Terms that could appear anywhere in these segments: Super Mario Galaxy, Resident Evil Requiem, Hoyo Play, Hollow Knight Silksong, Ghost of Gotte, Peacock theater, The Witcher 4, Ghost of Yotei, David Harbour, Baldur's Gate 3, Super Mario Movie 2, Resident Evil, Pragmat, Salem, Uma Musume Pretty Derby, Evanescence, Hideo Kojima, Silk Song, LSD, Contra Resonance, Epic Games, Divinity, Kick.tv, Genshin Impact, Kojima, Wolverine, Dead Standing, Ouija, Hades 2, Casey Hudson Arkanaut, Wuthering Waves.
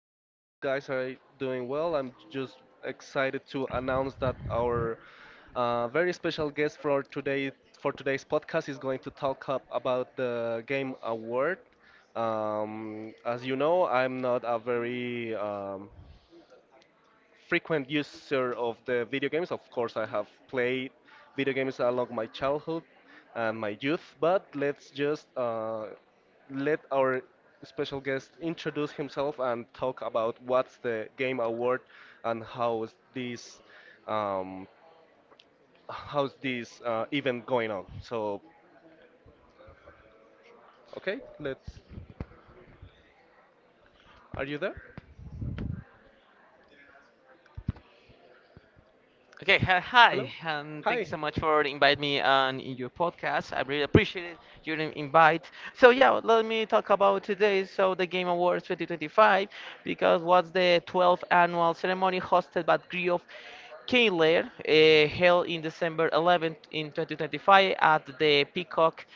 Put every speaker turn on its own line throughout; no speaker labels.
I hope you guys are doing well. I'm just excited to announce that our very special guest for today for today's podcast is going to talk up about the Game Award. As you know, I'm not a very frequent user of the video games. Of course, I have played video games along my childhood and my youth. But let our special guest introduce himself and talk about what's the game award and how is this um, how's this event going on. So, okay, let's. Are you there?
Okay, hi, hi,
Hello?
and thank you
Hi.
so much for inviting me on in your podcast. I really appreciate your invite. So yeah, let me talk about today. So the Game Awards 2025, because was the 12th annual ceremony hosted by Griot Kehler, held in December 11th in 2025 at the Peacock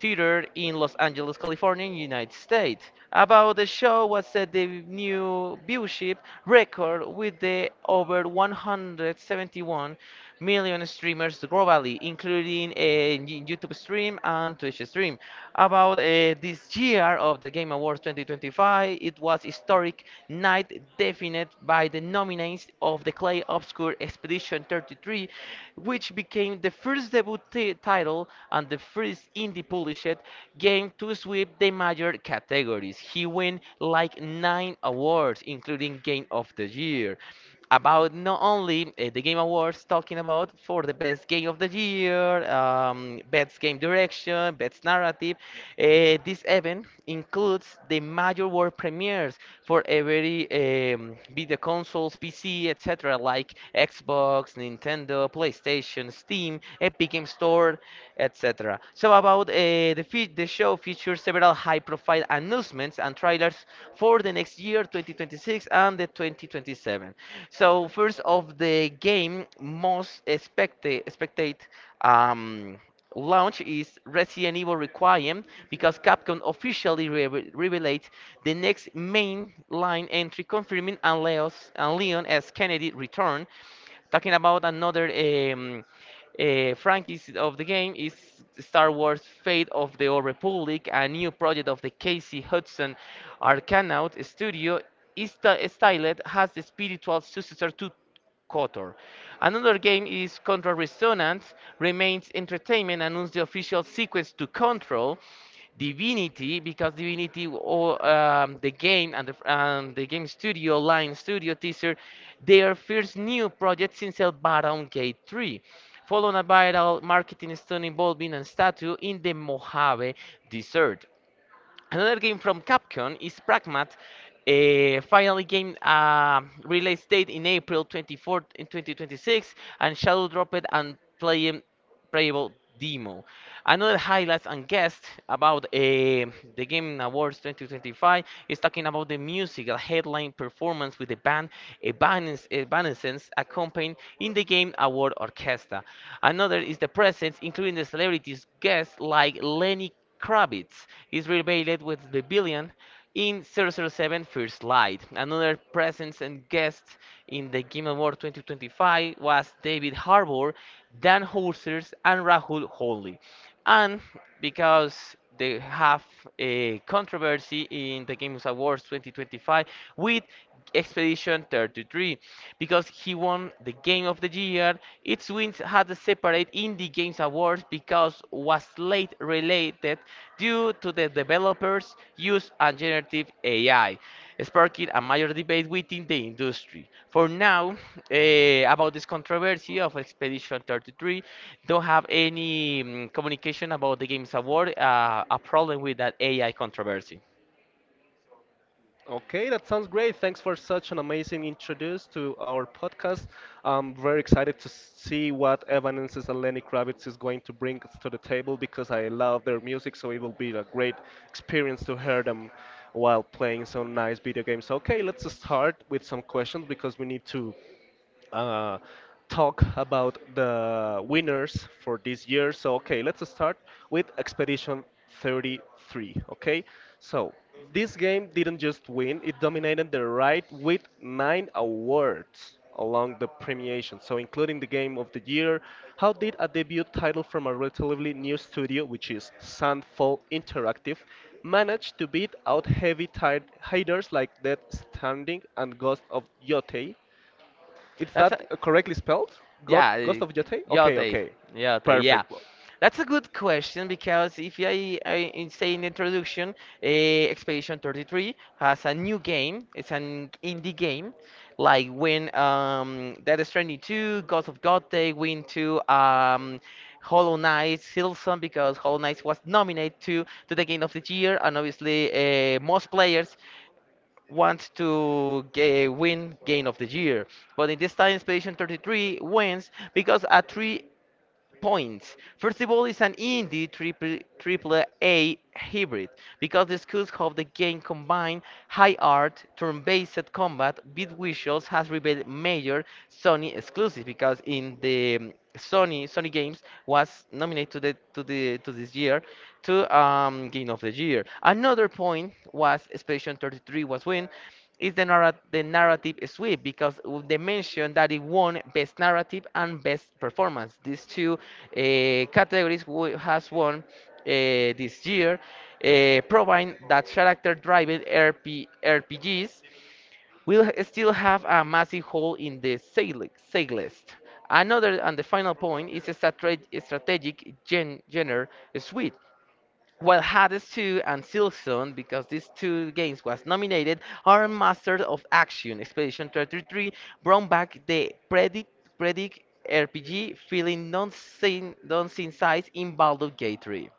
theater in Los Angeles, California, United States. About the show was set the new viewership record with the over
171.
171 million streamers globally, including a YouTube stream and Twitch stream. About this year of the Game Awards 2025, it was historic night defined by the nominees of the Clay Obscure Expedition. Edition 33, which became the first debut title and the first indie published game to sweep the major categories. He won like nine awards, including Game of the Year about not only the Game Awards, talking about for the best game of the year, best game direction, best narrative. This event includes the major world premiere years for every video consoles, PC, etc., like Xbox, Nintendo, PlayStation, Steam, Epic Game Store, etc. So about the the show features several high-profile announcements and trailers for the next year, 2026 and the 2027. So first of the game most expected um, launch is Resident Evil Requiem because Capcom officially revealed the next main line entry, confirming and Leon as Kennedy return. Talking about another um, franchise of the game is Star Wars: Fate of the Old Republic, a new project of the Casey Hudson Arkanaut studio. Is styled as the spiritual successor to KOTOR. Another game is Contra Resonance, remains entertainment, announced the official sequence to Control. Divinity, because Divinity, or the game and the game studio, Line Studio teaser, their first new project since El Baron Gate 3, following a viral marketing stunt involving a statue in the Mojave Desert. Another game from Capcom is Pragmat. A finally game release date in April 24th in 2026 and Shadow dropped and playing playable demo. Another highlights and guest about the Game Awards 2025 is talking about the musical headline performance with the band Evanescence accompanied in the Game Award Orchestra. Another is the presence, including the celebrities guests like Lenny Kravitz is revealed with the villain in double oh 007 First Light. Another presence and guest in the Game Award 2025 was David Harbour, Dan Houser, and Rahul Holly. And because they have a controversy in the Games Awards 2025 with Expedition 33 because he won the Game of the Year. Its wins had a separate Indie Games Awards because was late related due to the developers' use of generative AI, sparking a major debate within the industry. For now, about this controversy of Expedition 33, don't have any communication about the Games Award, a problem with that AI controversy.
Okay, that sounds great. Thanks for such an amazing introduce to our podcast. I'm very excited to see what Evanescence and Lenny Kravitz is going to bring to the table because I love their music, so it will be a great experience to hear them while playing some nice video games. Okay, let's start with some questions because we need to uh, talk about the winners for this year. So, okay, let's start with Expedition 33. Okay, so this game didn't just win, it dominated the ride with nine awards along the premiation. So, including the game of the year, how did a debut title from a relatively new studio, which is Sandfall Interactive, manage to beat out heavy tide haters like Dead Standing and Ghost of Yotei? Is
That's a,
that correctly spelled? God,
Yeah,
Ghost of Yotei? Okay,
Yote,
okay.
Yote, yeah.
Perfect. Well,
That's a good question because if I say in the introduction, Expedition 33 has a new game. It's an indie game, like when Death Stranding 2, Ghost of Gotte went to Hollow Knight, Silson because Hollow Knight was nominated to the Game of the Year, and obviously most players want to win Game of the Year. But in this time, Expedition 33 wins because at three points. First of all, it's an indie triple A hybrid because the schools of the game combine high art, turn-based combat, with visuals has revealed major Sony exclusive because in the Sony Games was nominated to this year to Game of the Year. Another point was Expedition 33 was win is the narrative sweep because they mentioned that it won best narrative and best performance. These two categories has won this year, proving that character-driven RPGs will still have a massive hole in the sale list. Another and the final point is a strategic genre suite. While Hades 2 and Silson, because these two games was nominated, are masters of action. Expedition 33 brought back the predict RPG feeling non-seen sights in Baldur's Gate 3.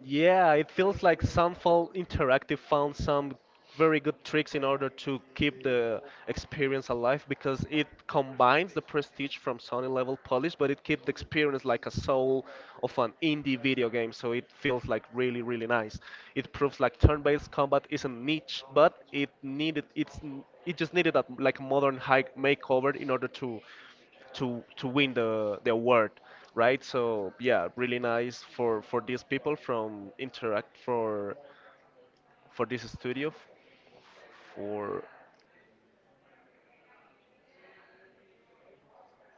yeah, it feels like Sunfall Interactive found some very good tricks in order to keep the experience alive because it combines the prestige from Sony level polish, but it keeps the experience like a soul of an indie video game, so it feels like really, really nice. It proves like turn-based combat isn't niche, but it just needed a like modern high makeover in order to win the award, right? So yeah, really nice for these people from Interact for this studio for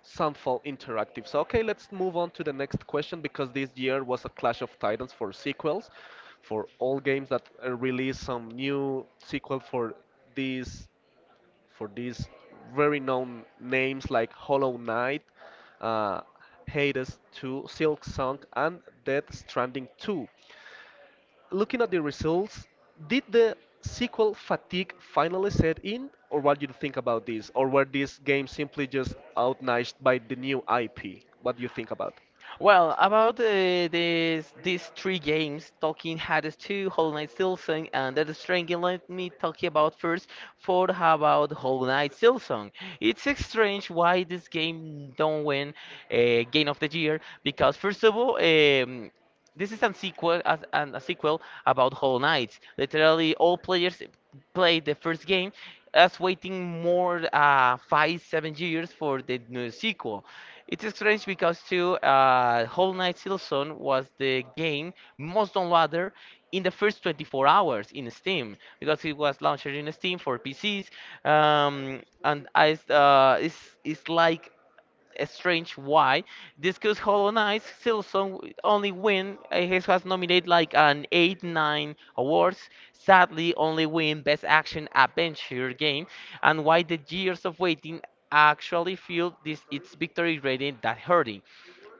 Sunfall Interactive. So, okay, let's move on to the next question because this year was a clash of titans for sequels, for all games that release some new sequel for these these very known names like Hollow Knight, uh, Hades 2, Silk Song, and Death Stranding 2. Looking at the results, did the sequel fatigue finally set in, or what do you think about this? Or were these games simply just outniched by the new IP? What do you think about?
Well, about these three games, Tolkien, Hades 2, Hollow Knight Silksong, and Death Stranding, let me talk about first for about Hollow Knight Silksong. It's strange why this game don't win Game of the Year, because first of all, this is a sequel, as a sequel about Hollow Knight. Literally, all players played the first game, as waiting more five, 7 years for the new sequel. It's strange because too, Hollow Knight Silson was the game most downloaded in the first 24 hours in Steam because it was launched in Steam for PCs, it's like strange why this because Hollow Knight still some only win he has nominated like an 8 9 awards sadly only win best action adventure game and why the years of waiting actually feel this its victory rating that hurting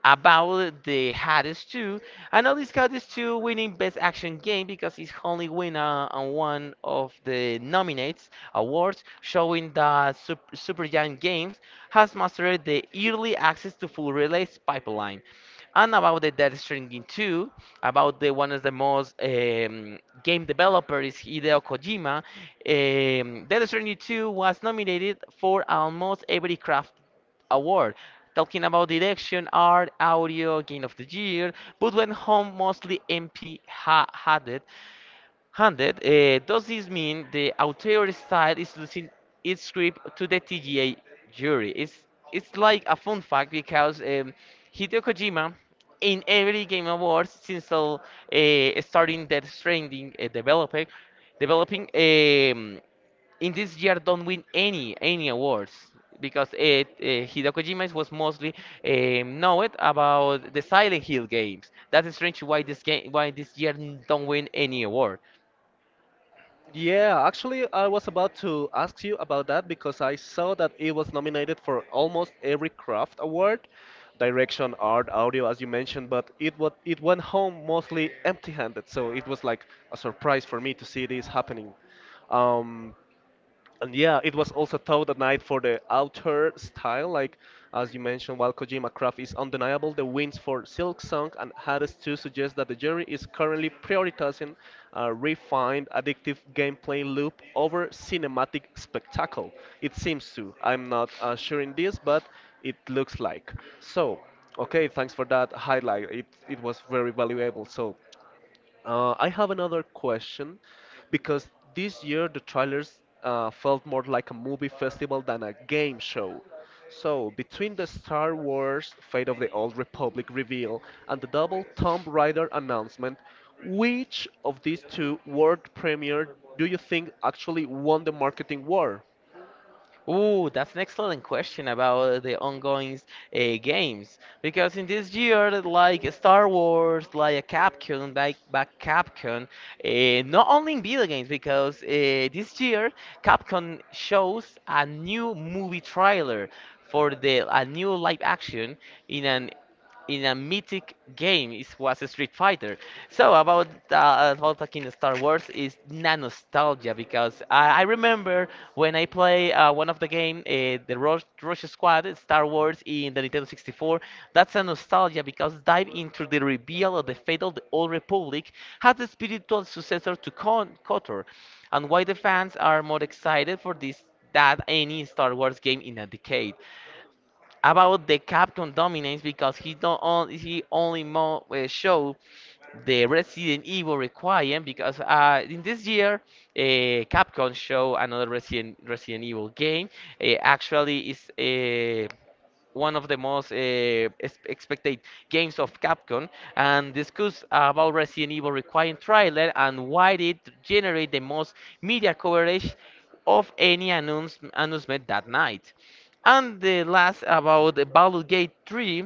about the Hades 2. And all this Hades 2 winning Best Action Game because it's only winner on one of the nominates awards, showing that Supergiant Games has mastered the early access to full release pipeline. And about the Death Stranding 2, about the one of the most game developer is Hideo Kojima. Death Stranding 2 was nominated for almost every craft award, talking about direction, art, audio, game of the year, but went home mostly empty handed. Does this mean the auteur style is losing its grip to the TGA jury? It's like a fun fact because Hideo Kojima in every game awards since starting that trending developing in this year don't win any awards because Hideo Kojima was mostly known about the Silent Hill games. That's strange why this game why this year don't win any award.
Yeah, actually, I was about to ask you about that because I saw that it was nominated for almost every craft award, direction, art, audio, as you mentioned, but it went home mostly empty-handed, so it was like a surprise for me to see this happening. Um, And yeah, it was also thought at night for the outer style, like as you mentioned, while Kojima Craft is undeniable, the wins for Silk Song and Hades 2 suggest that the jury is currently prioritizing a refined, addictive gameplay loop over cinematic spectacle. It seems to. I'm not sure in this, but it looks like. So, okay, thanks for that highlight. It was very valuable. So, I have another question because this year the trailers felt more like a movie festival than a game show. So, between the Star Wars Fate of the Old Republic reveal and the double Tomb Raider announcement, which of these two world premiere do you think actually won the marketing war?
Ooh, that's an excellent question about the ongoing games because in this year, like Star Wars, like Capcom, like back Capcom, not only in video games because this year Capcom shows a new movie trailer for the a new live action in an in a mythic game. It was a Street Fighter. So about talking Star Wars is na nostalgia because I remember when I play one of the game, the Rush Squad Star Wars in the Nintendo 64. That's a nostalgia because dive into the reveal of the fate of the Old Republic had the spiritual successor to KOTOR, and why the fans are more excited for this than any Star Wars game in a decade about the Capcom dominance because he don't on, he only show the Resident Evil Requiem because in this year Capcom show another Resident Evil game. Actually, is one of the most expected games of Capcom and discuss about Resident Evil requiring trailer and why it generate the most media coverage of any announcement that night. And the last about the Baldur's Gate 3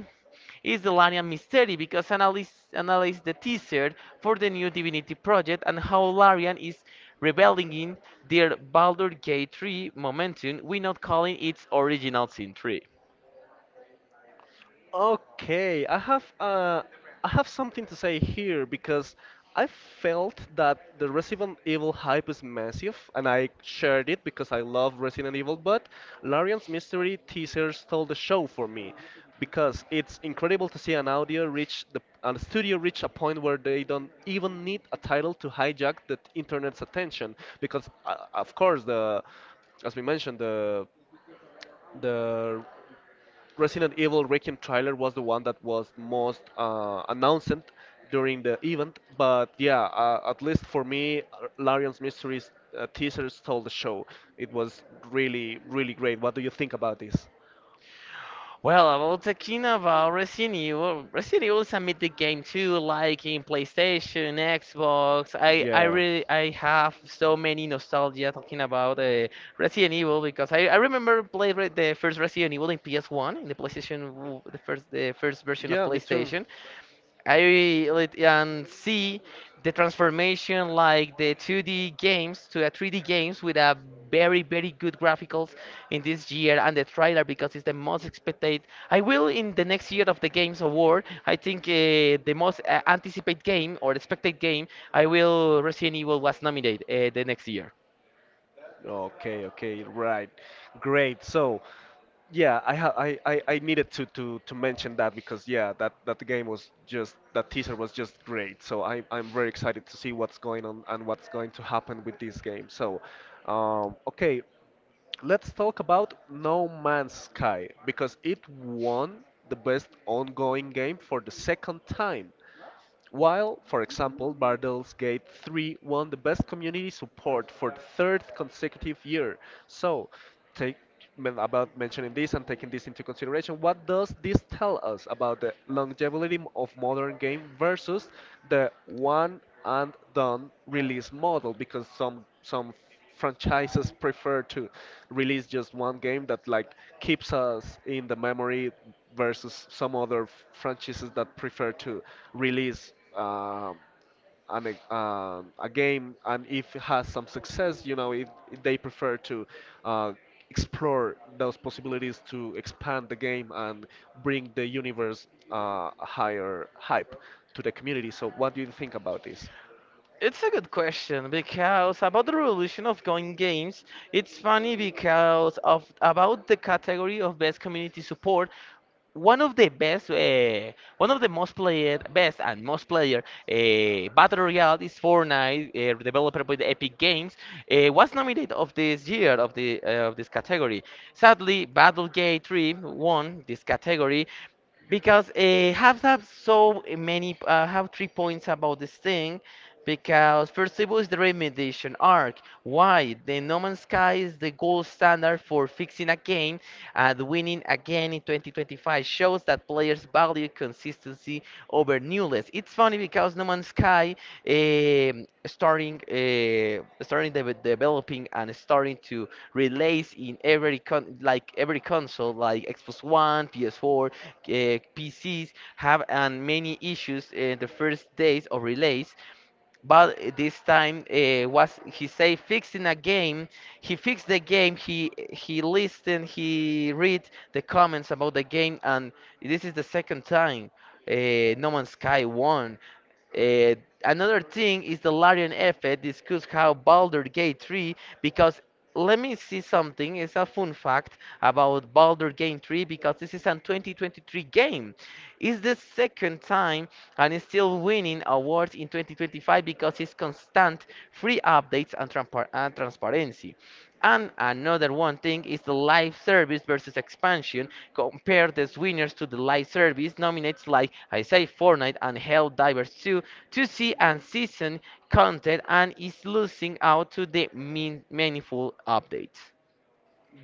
is the Larian Mystery because analysts analyze the teaser for the new Divinity project and how Larian is reveling in their Baldur's Gate 3 momentum without calling its original sin 3.
Okay, I have something to say here because I felt that the Resident Evil hype is massive, and I shared it because I love Resident Evil. But Larian's Mystery teaser stole the show for me because it's incredible to see an audio reach the and a studio reach a point where they don't even need a title to hijack the internet's attention because of course the as we mentioned the Resident Evil Requiem trailer was the one that was most announced during the event. But at least for me, Larian's Mysteries teaser stole the show. It was really, really great. What do you think about this?
Well, about talking about Resident Evil. Resident Evil is a mythic game too, like in PlayStation, Xbox. I
Yeah.
really I have so many nostalgia talking about Resident Evil because I remember played the first Resident Evil in PS1 in the PlayStation the first version of
Yeah, me too.
PlayStation. I like, see the transformation like the 2D games to a 3D games with a very good graphics in this year and the trailer because it's the most expected. I will in the next year of the Games Award. I think the most anticipated game or expected game. I will Resident Evil was nominated the next year.
Okay, okay, right. Great. So, yeah, I ha I needed to mention that because yeah, that game was just that teaser was just great. So I I'm very excited to see what's going on and what's going to happen with this game. So, okay, let's talk about No Man's Sky because it won the best ongoing game for the second time. While, for example, Bardol's Gate 3 won the Best Community Support for the third consecutive year. So, take about mentioning this and taking this into consideration, what does this tell us about the longevity of modern game versus the one and done release model? Because some franchises prefer to release just one game that like keeps us in the memory versus some other franchises that prefer to release a game and if it has some success, you know, if they prefer to uh, explore those possibilities to expand the game and bring the universe a higher hype to the community. So, what do you think about this?
It's a good question because about the revolution of going games, it's funny because of about the category of best community support. One of the most played, best and most player battle royale is Fortnite, developed by the Epic Games, was nominated of this year of this category. Sadly, Battlegate 3 won this category because have so many have three points about this thing because first of all, is the remediation arc. Why? The No Man's Sky is the gold standard for fixing a game and winning again in 2025 shows that players value consistency over newness. It's funny because No Man's Sky starting developing and starting to release in every like every console like Xbox One, PS4, PCs have and many issues in the first days of release. But this time was he say fixing a game. He fixed the game. He listened, he read the comments about the game, and this is the second time No Man's Sky won. uh, Another thing is the Larian effect. Discuss how Baldur's Gate 3, because let me see something. It's a fun fact about Baldur's Gate 3 because this is a 2023 game. It's the second time and is still winning awards in 2025 because it's constant free updates and transparency. And another one thing is the live service versus expansion. Compare the winners to the live service nominates, like I say, Fortnite and Helldivers 2, to see and season content and is losing out to the meaningful updates.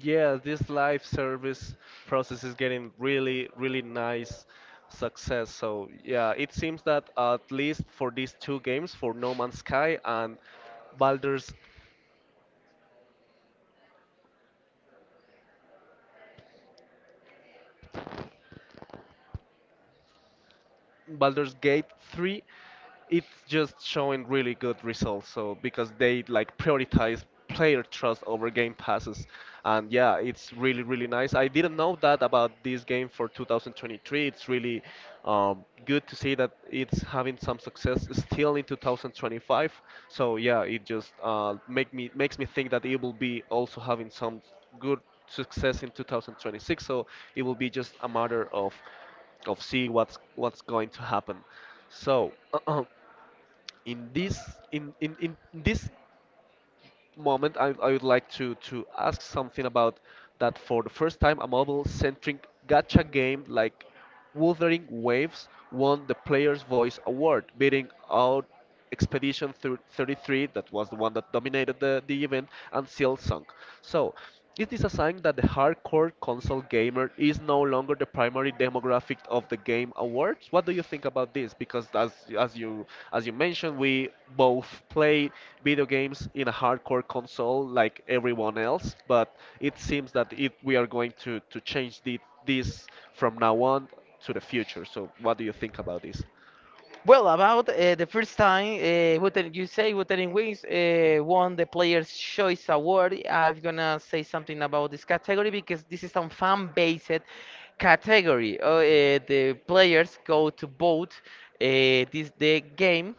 Yeah, this live service process is getting really, really nice success. So yeah, it seems that at least for these two games, for No Man's Sky and Baldur's Baldur's Gate 3, it's just showing really good results. So because they like prioritize player trust over game passes, and yeah, it's really really nice. I didn't know that about this game for 2023. It's really good to see that it's having some success still in 2025. So yeah, it just makes me think that it will be also having some good success in 2026. So it will be just a matter of see what's going to happen. So in this moment, I would like to ask something about that for the first time, a mobile centric gacha game like Wuthering Waves won the Player's Voice Award, beating out Expedition 33, that was the one that dominated the event, and Silksong. So, it is a sign that the hardcore console gamer is no longer the primary demographic of the game awards. What do you think about this? Because as you mentioned, we both play video games in a hardcore console like everyone else, but it seems that it we are going to change the, this from now on to the future. So what do you think about this?
Well, about the first time Wuthering, you say Wuthering Wings won the Players' Choice Award. I'm gonna say something about this category because this is a fan-based category. The players go to vote this the game,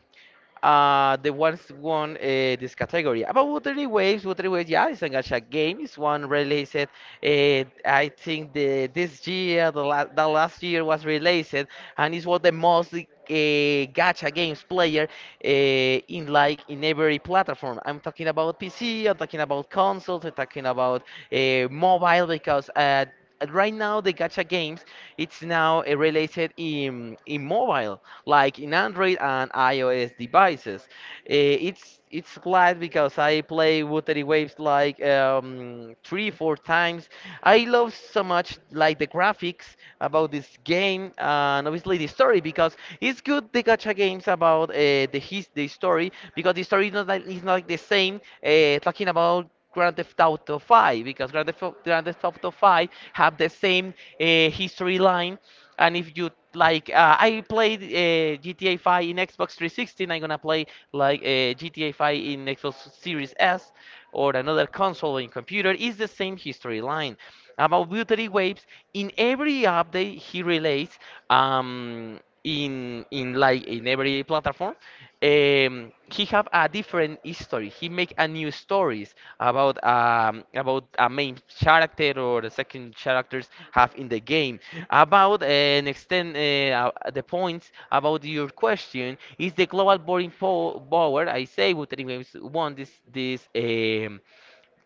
the ones won this category. About Watery Waves, Watery Waves, yeah, it's a gacha game. It's one released. I think the this year, the last year was released, and it's what the most gacha games player in like in every platform. I'm talking about PC. I'm talking about consoles. I'm talking about mobile because. Right now the gacha games, it's now related in mobile like in Android and iOS devices. Eh, it's glad because I play Watery Waves like three four times. I love so much like the graphics about this game, and obviously the story because it's good the gacha games about the story, because the story is not like the same. Talking about Grand Theft Auto 5, because Grand Theft Auto 5 have the same history line. And if you like I played GTA 5 in Xbox 360, I'm gonna play like GTA 5 in Xbox Series S or another console in computer, is the same history line. About Buttery Waves, in every update he relates, um, in like in every platform, he have a different history. He make a new stories about a main character or the second characters have in the game. About and extend, the points about your question is the global boarding po power. I say Wuthering Waves won this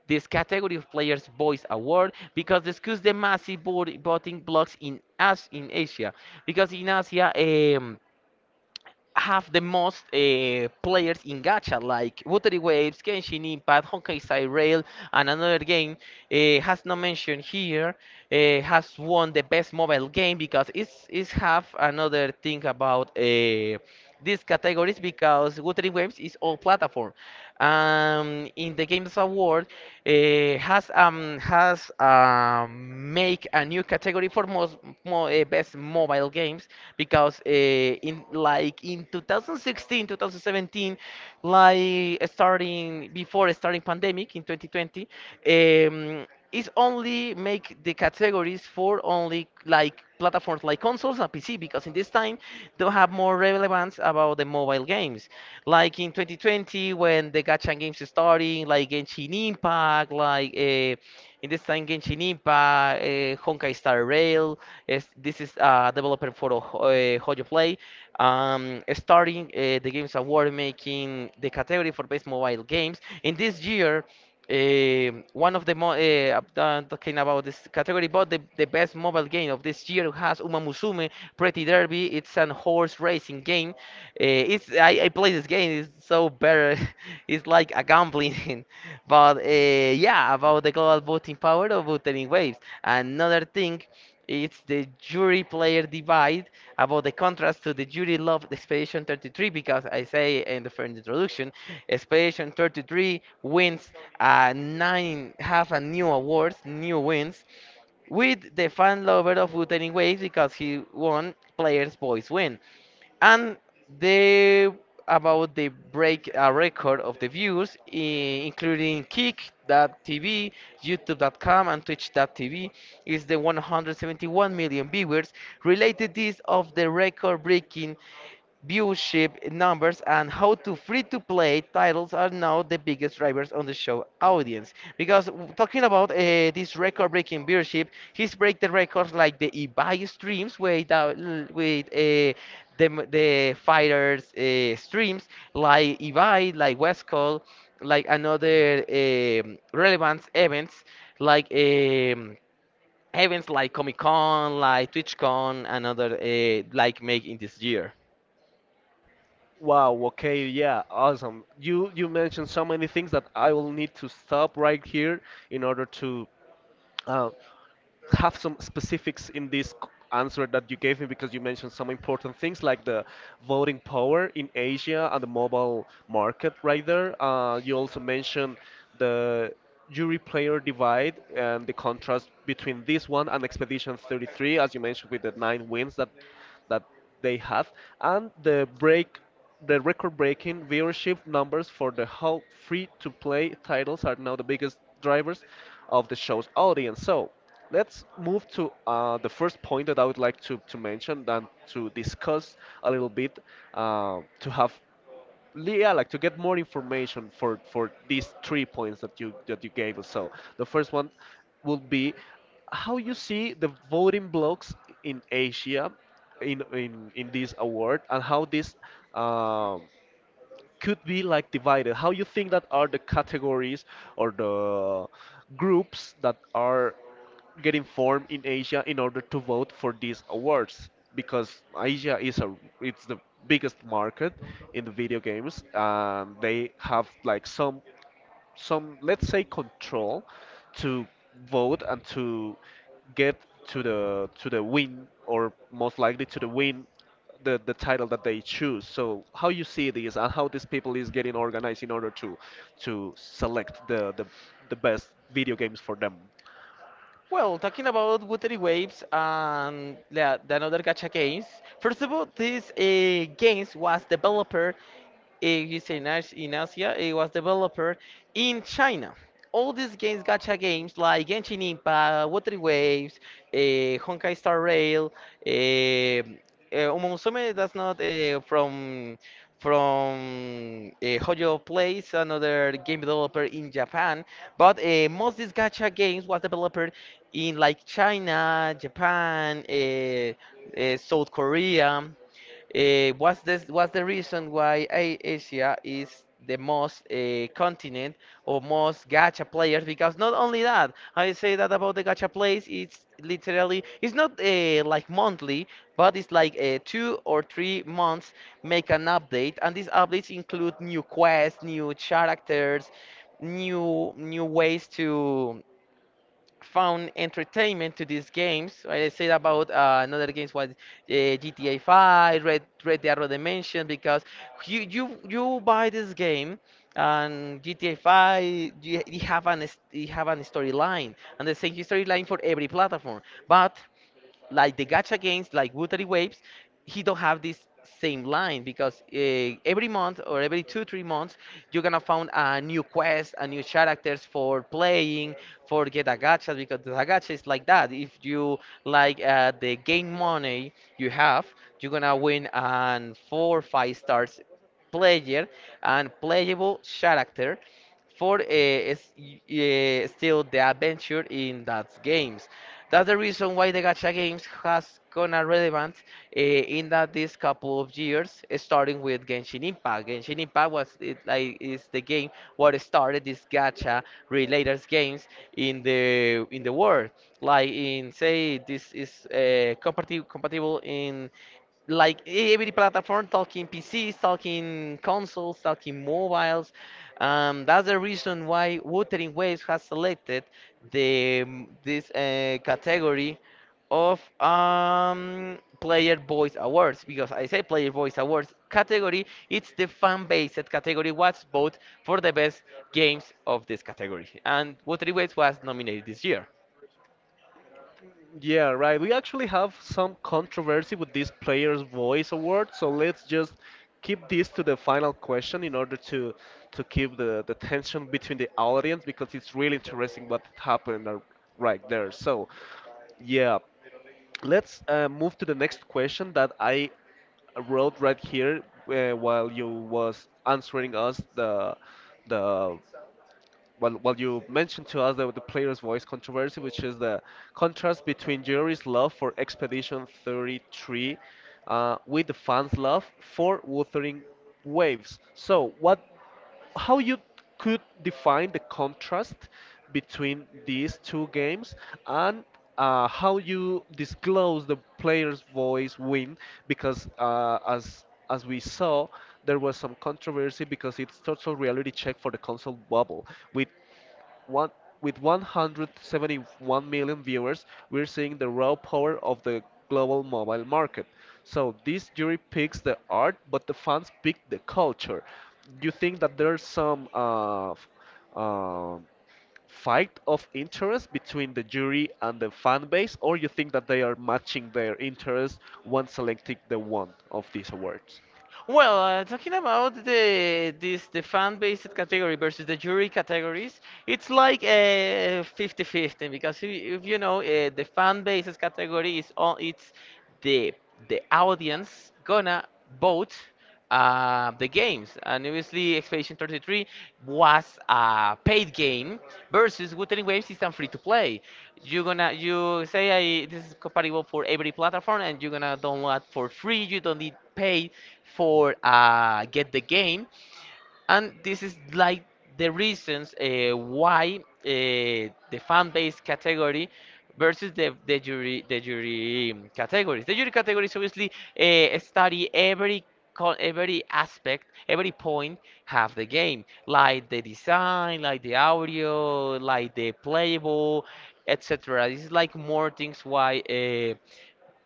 this category of Players' Voice Award because discuss the massive voting blocks in As in Asia. Because in Asia, um, have the most players in gacha, like Watery Waves, Genshin Impact, Honkai Star Rail, and another game has not mentioned here, has won the best mobile game because it's have another thing about these categories, because Wuthering Waves is all platform. In the Games Award has make a new category for best mobile games, because in like in 2016 2017, like starting before starting pandemic in 2020, is only make the categories for only like platforms like consoles and PC because in this time they'll have more relevance about the mobile games. Like in 2020 when the gacha games are starting, like Genshin Impact, like in this time Genshin Impact, Honkai Star Rail. Is, this is developer for Hoyo Play. Starting the games award making the category for best mobile games. In this year, one of the mo I'm done talking about this category, but the best mobile game of this year has Uma Musume Pretty Derby. It's an horse racing game. It's I play this game. It's so better. It's like a gambling. But yeah, about the global voting power of voting waves. Another thing, it's the jury player divide about the contrast to the Judy Love Expedition 33 because I say in the first introduction, Expedition 33 wins nine, have a new awards, new wins, with the fan lover of Wuthering Waves because he won Players Boys Win. And they, about they break a record of the views, including Kick.tv, YouTube.com, and Twitch.tv, is the 171 million viewers. Related this of the record breaking viewership numbers and how to free to play titles are now the biggest drivers on the show audience, because talking about this record breaking viewership, he's break the records like the eBay streams with the fighters streams like eBay, like westcall, like another relevant events, like events like Comic Con, like TwitchCon, another like make in this year.
Wow, okay, yeah, awesome. You mentioned so many things that I will need to stop right here in order to uh, have some specifics in this answer that you gave me because you mentioned some important things like the voting power in Asia and the mobile market right there. You also mentioned the jury player divide and the contrast between this one and Expedition 33, as you mentioned with the nine wins that they have, and the record-breaking viewership numbers for the whole free-to-play titles are now the biggest drivers of the show's audience. So, let's move to the first point that I would like to mention and to discuss a little bit to have yeah, like to get more information for these three points that you gave us. So the first one would be how you see the voting blocks in Asia in this award and how this um could be like divided? How you think that are the categories or the groups that are getting formed in Asia in order to vote for these awards? Because Asia is a it's the biggest market in the video games. They have like some let's say control to vote and to get to the win or most likely to the win the title that they choose. So how you see this and how these people is getting organized in order to select the best video games for them.
Well, talking about Watery Waves and the another gacha games, first of all, this games was developed, you say in Asia, it was developed in China. All these games, gacha games like Genshin Impact, Watery Waves, uh, Honkai Star Rail, Omomusume, that's not from Hoyo Place, another game developer in Japan. But most these gacha games was developed in like China, Japan, South Korea. What's this? What's the reason why Asia is the most continent or most gacha players? Because not only that, I say that about the gacha plays. It's literally it's not like monthly, but it's like 2 or 3 months make an update, and these updates include new quests, new characters, new ways to found entertainment to these games. I said about another games was GTA 5, Red Dead Redemption, because you buy this game, and GTA 5, you have an, you have an storyline and the same storyline for every platform. But like the gacha games like Watery Waves, he don't have this same line because every month or every 2 3 months, you're gonna find a new quest, a new characters for playing, for get a gacha because the gacha is like that. If you like the game money you have, you're gonna win an 4 5 stars player and playable character for still the adventure in that games. That's the reason why the gacha games has gone a relevant in that this couple of years, starting with Genshin Impact. Genshin Impact was it, like is the game what started this gacha related games in the world. Like in say this is compatible in like every platform talking PCs, talking consoles, talking mobiles. That's the reason why Wuthering Waves has selected the this category of Player Voice Awards, because I say Player Voice Awards category. It's the fan-based category. Was voted for the best games of this category, and Wuthering Waves was nominated this year.
Yeah, right. We actually have some controversy with this player's voice award, so let's just keep this to the final question in order to keep the tension between the audience because it's really interesting what happened ar- right there. So, yeah, let's move to the next question that I wrote right here while you was answering us the you mentioned to us the player's voice controversy, which is the contrast between Jerry's love for Expedition 33 with the fans' love for Wuthering Waves. So, what how you could define the contrast between these two games and how you disclose the player's voice win because as we saw there was some controversy because it's total reality check for the console bubble with one with 171 million viewers, we're seeing the raw power of the global mobile market. So this jury picks the art, but the fans pick the culture. Do you think that there's some uh, fight of interest between the jury and the fan base, or you think that they are matching their interest when selecting the one of these awards?
Well, talking about the fan-based category versus the jury categories, it's like a 50-50 because if you know the fan-based category is all it's the the audience gonna vote the games. And obviously, Expedition 33 was a paid game versus Wuthering Waves is a free to play. You're gonna you say I, this is compatible for every platform, and you're gonna download for free. You don't need pay for get the game, and this is like the reasons why the fan base category versus the jury categories, the jury categories obviously study every every aspect, every point of the game, like the design, like the audio, like the playable, etc. This is like more things why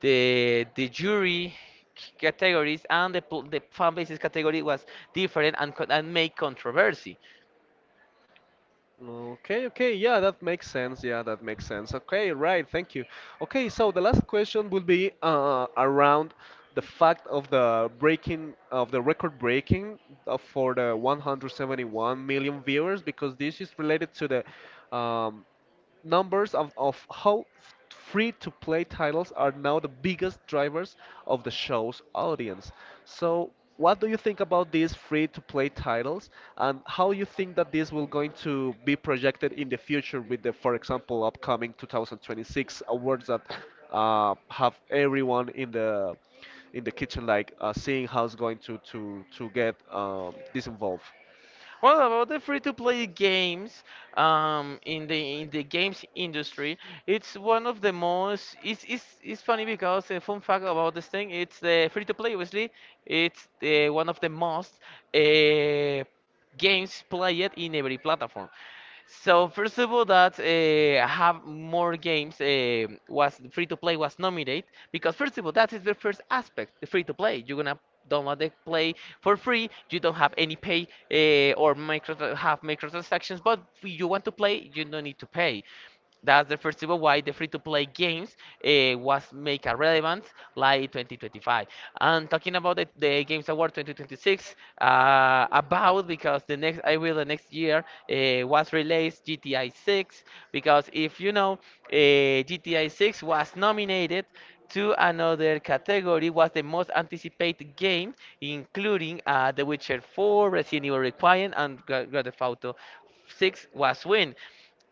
the jury categories and the fan bases category was different, and, and make controversy.
Okay, okay, yeah, that makes sense. Yeah, that makes sense. Okay, right, thank you. Okay, so the last question will be around the fact of the breaking of the record breaking for the 171 million viewers because this is related to the numbers of how free to play titles are now the biggest drivers of the show's audience. So, what do you think about these free to play titles and how you think that this will going to be projected in the future with the for example upcoming 2026 awards that have everyone in the kitchen like seeing how's going to get this involved.
Well, about the free-to-play games, in the games industry, it's one of the most. It's funny because a fun fact about this thing, it's the free-to-play. Obviously, it's the one of the most uh, games played in every platform. So first of all, that have more games was free to play was nominated, because first of all, that is the first aspect, the free to play. You're gonna download the play for free. You don't have any pay or micro have microtransactions, but if you want to play, you don't need to pay. That's the first reason why the free-to-play games was make a relevance like 2025. And talking about the Games Award 2026, about because the next I will the next year was released GTI 6, because if you know GTI 6 was nominated to another category, was the most anticipated game, including The Witcher 4, Resident Evil Requiem, and Grand Theft Auto 6 was win.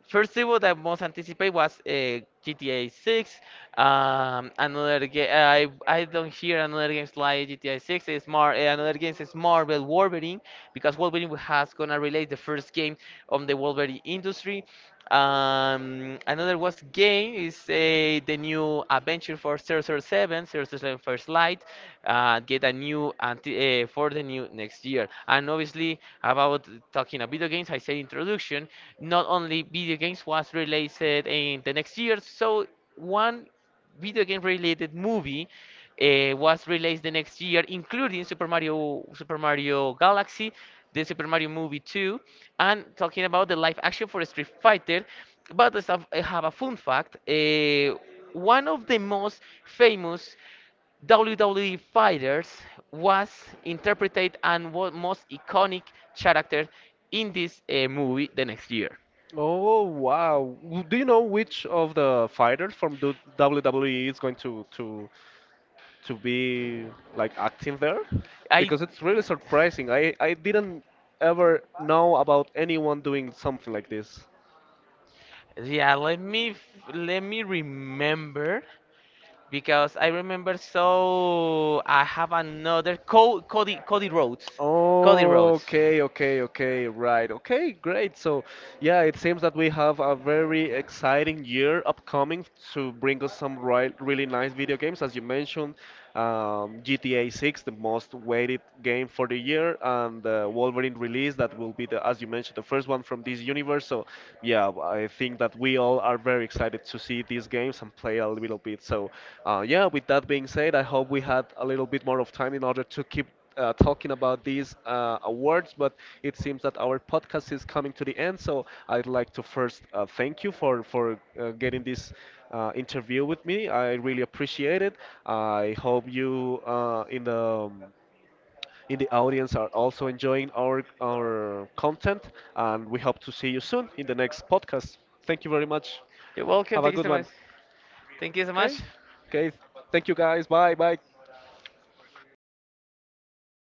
First demo that most anticipate was GTA 6. Another game I don't hear another games like GTA 6. It's more another games is Marvel Wolverine, because Wolverine has gonna relate the first game on the Wolverine industry. Another was game is the new adventure for zero zero 007 First Light. Get a new anti for the new next year. And obviously, about talking of video games, I said introduction. Not only video games was released in the next year, so one video game related movie was released the next year, including Super Mario, Super Mario Galaxy, the Super Mario Movie 2, and talking about the live action for Street Fighter. But I have a fun fact, one of the most famous WWE fighters was interpreted and was most iconic character in this movie the next year.
Oh wow! W- Do you know which of the fighters from the WWE is going to be like acting there?
I
Because it's really surprising. I didn't ever know about anyone doing something like this.
Yeah, let me remember because I remember so I have another Co Cody Cody Rhodes. Cody Rhodes.
Okay, okay, okay, right. Okay, great. So, yeah, it seems that we have a very exciting year upcoming to bring us some right, really nice video games, as you mentioned, GTA 6, the most waited game for the year, and the Wolverine release that will be the, as you mentioned, the first one from this universe. So, yeah, I think that we all are very excited to see these games and play a little bit. So, yeah, with that being said, I hope we had a little bit more of time in order to keep talking about these awards, but it seems that our podcast is coming to the end. So I'd like to first thank you for getting this interview with me. I really appreciate it. I hope you um, in the audience are also enjoying our content, and we hope to see you soon in the next podcast. Thank you very much.
You're welcome.
Have a
Thank you
good
so
one.
much. Thank you so
Okay.
much.
Okay. Thank you guys. Bye. Bye.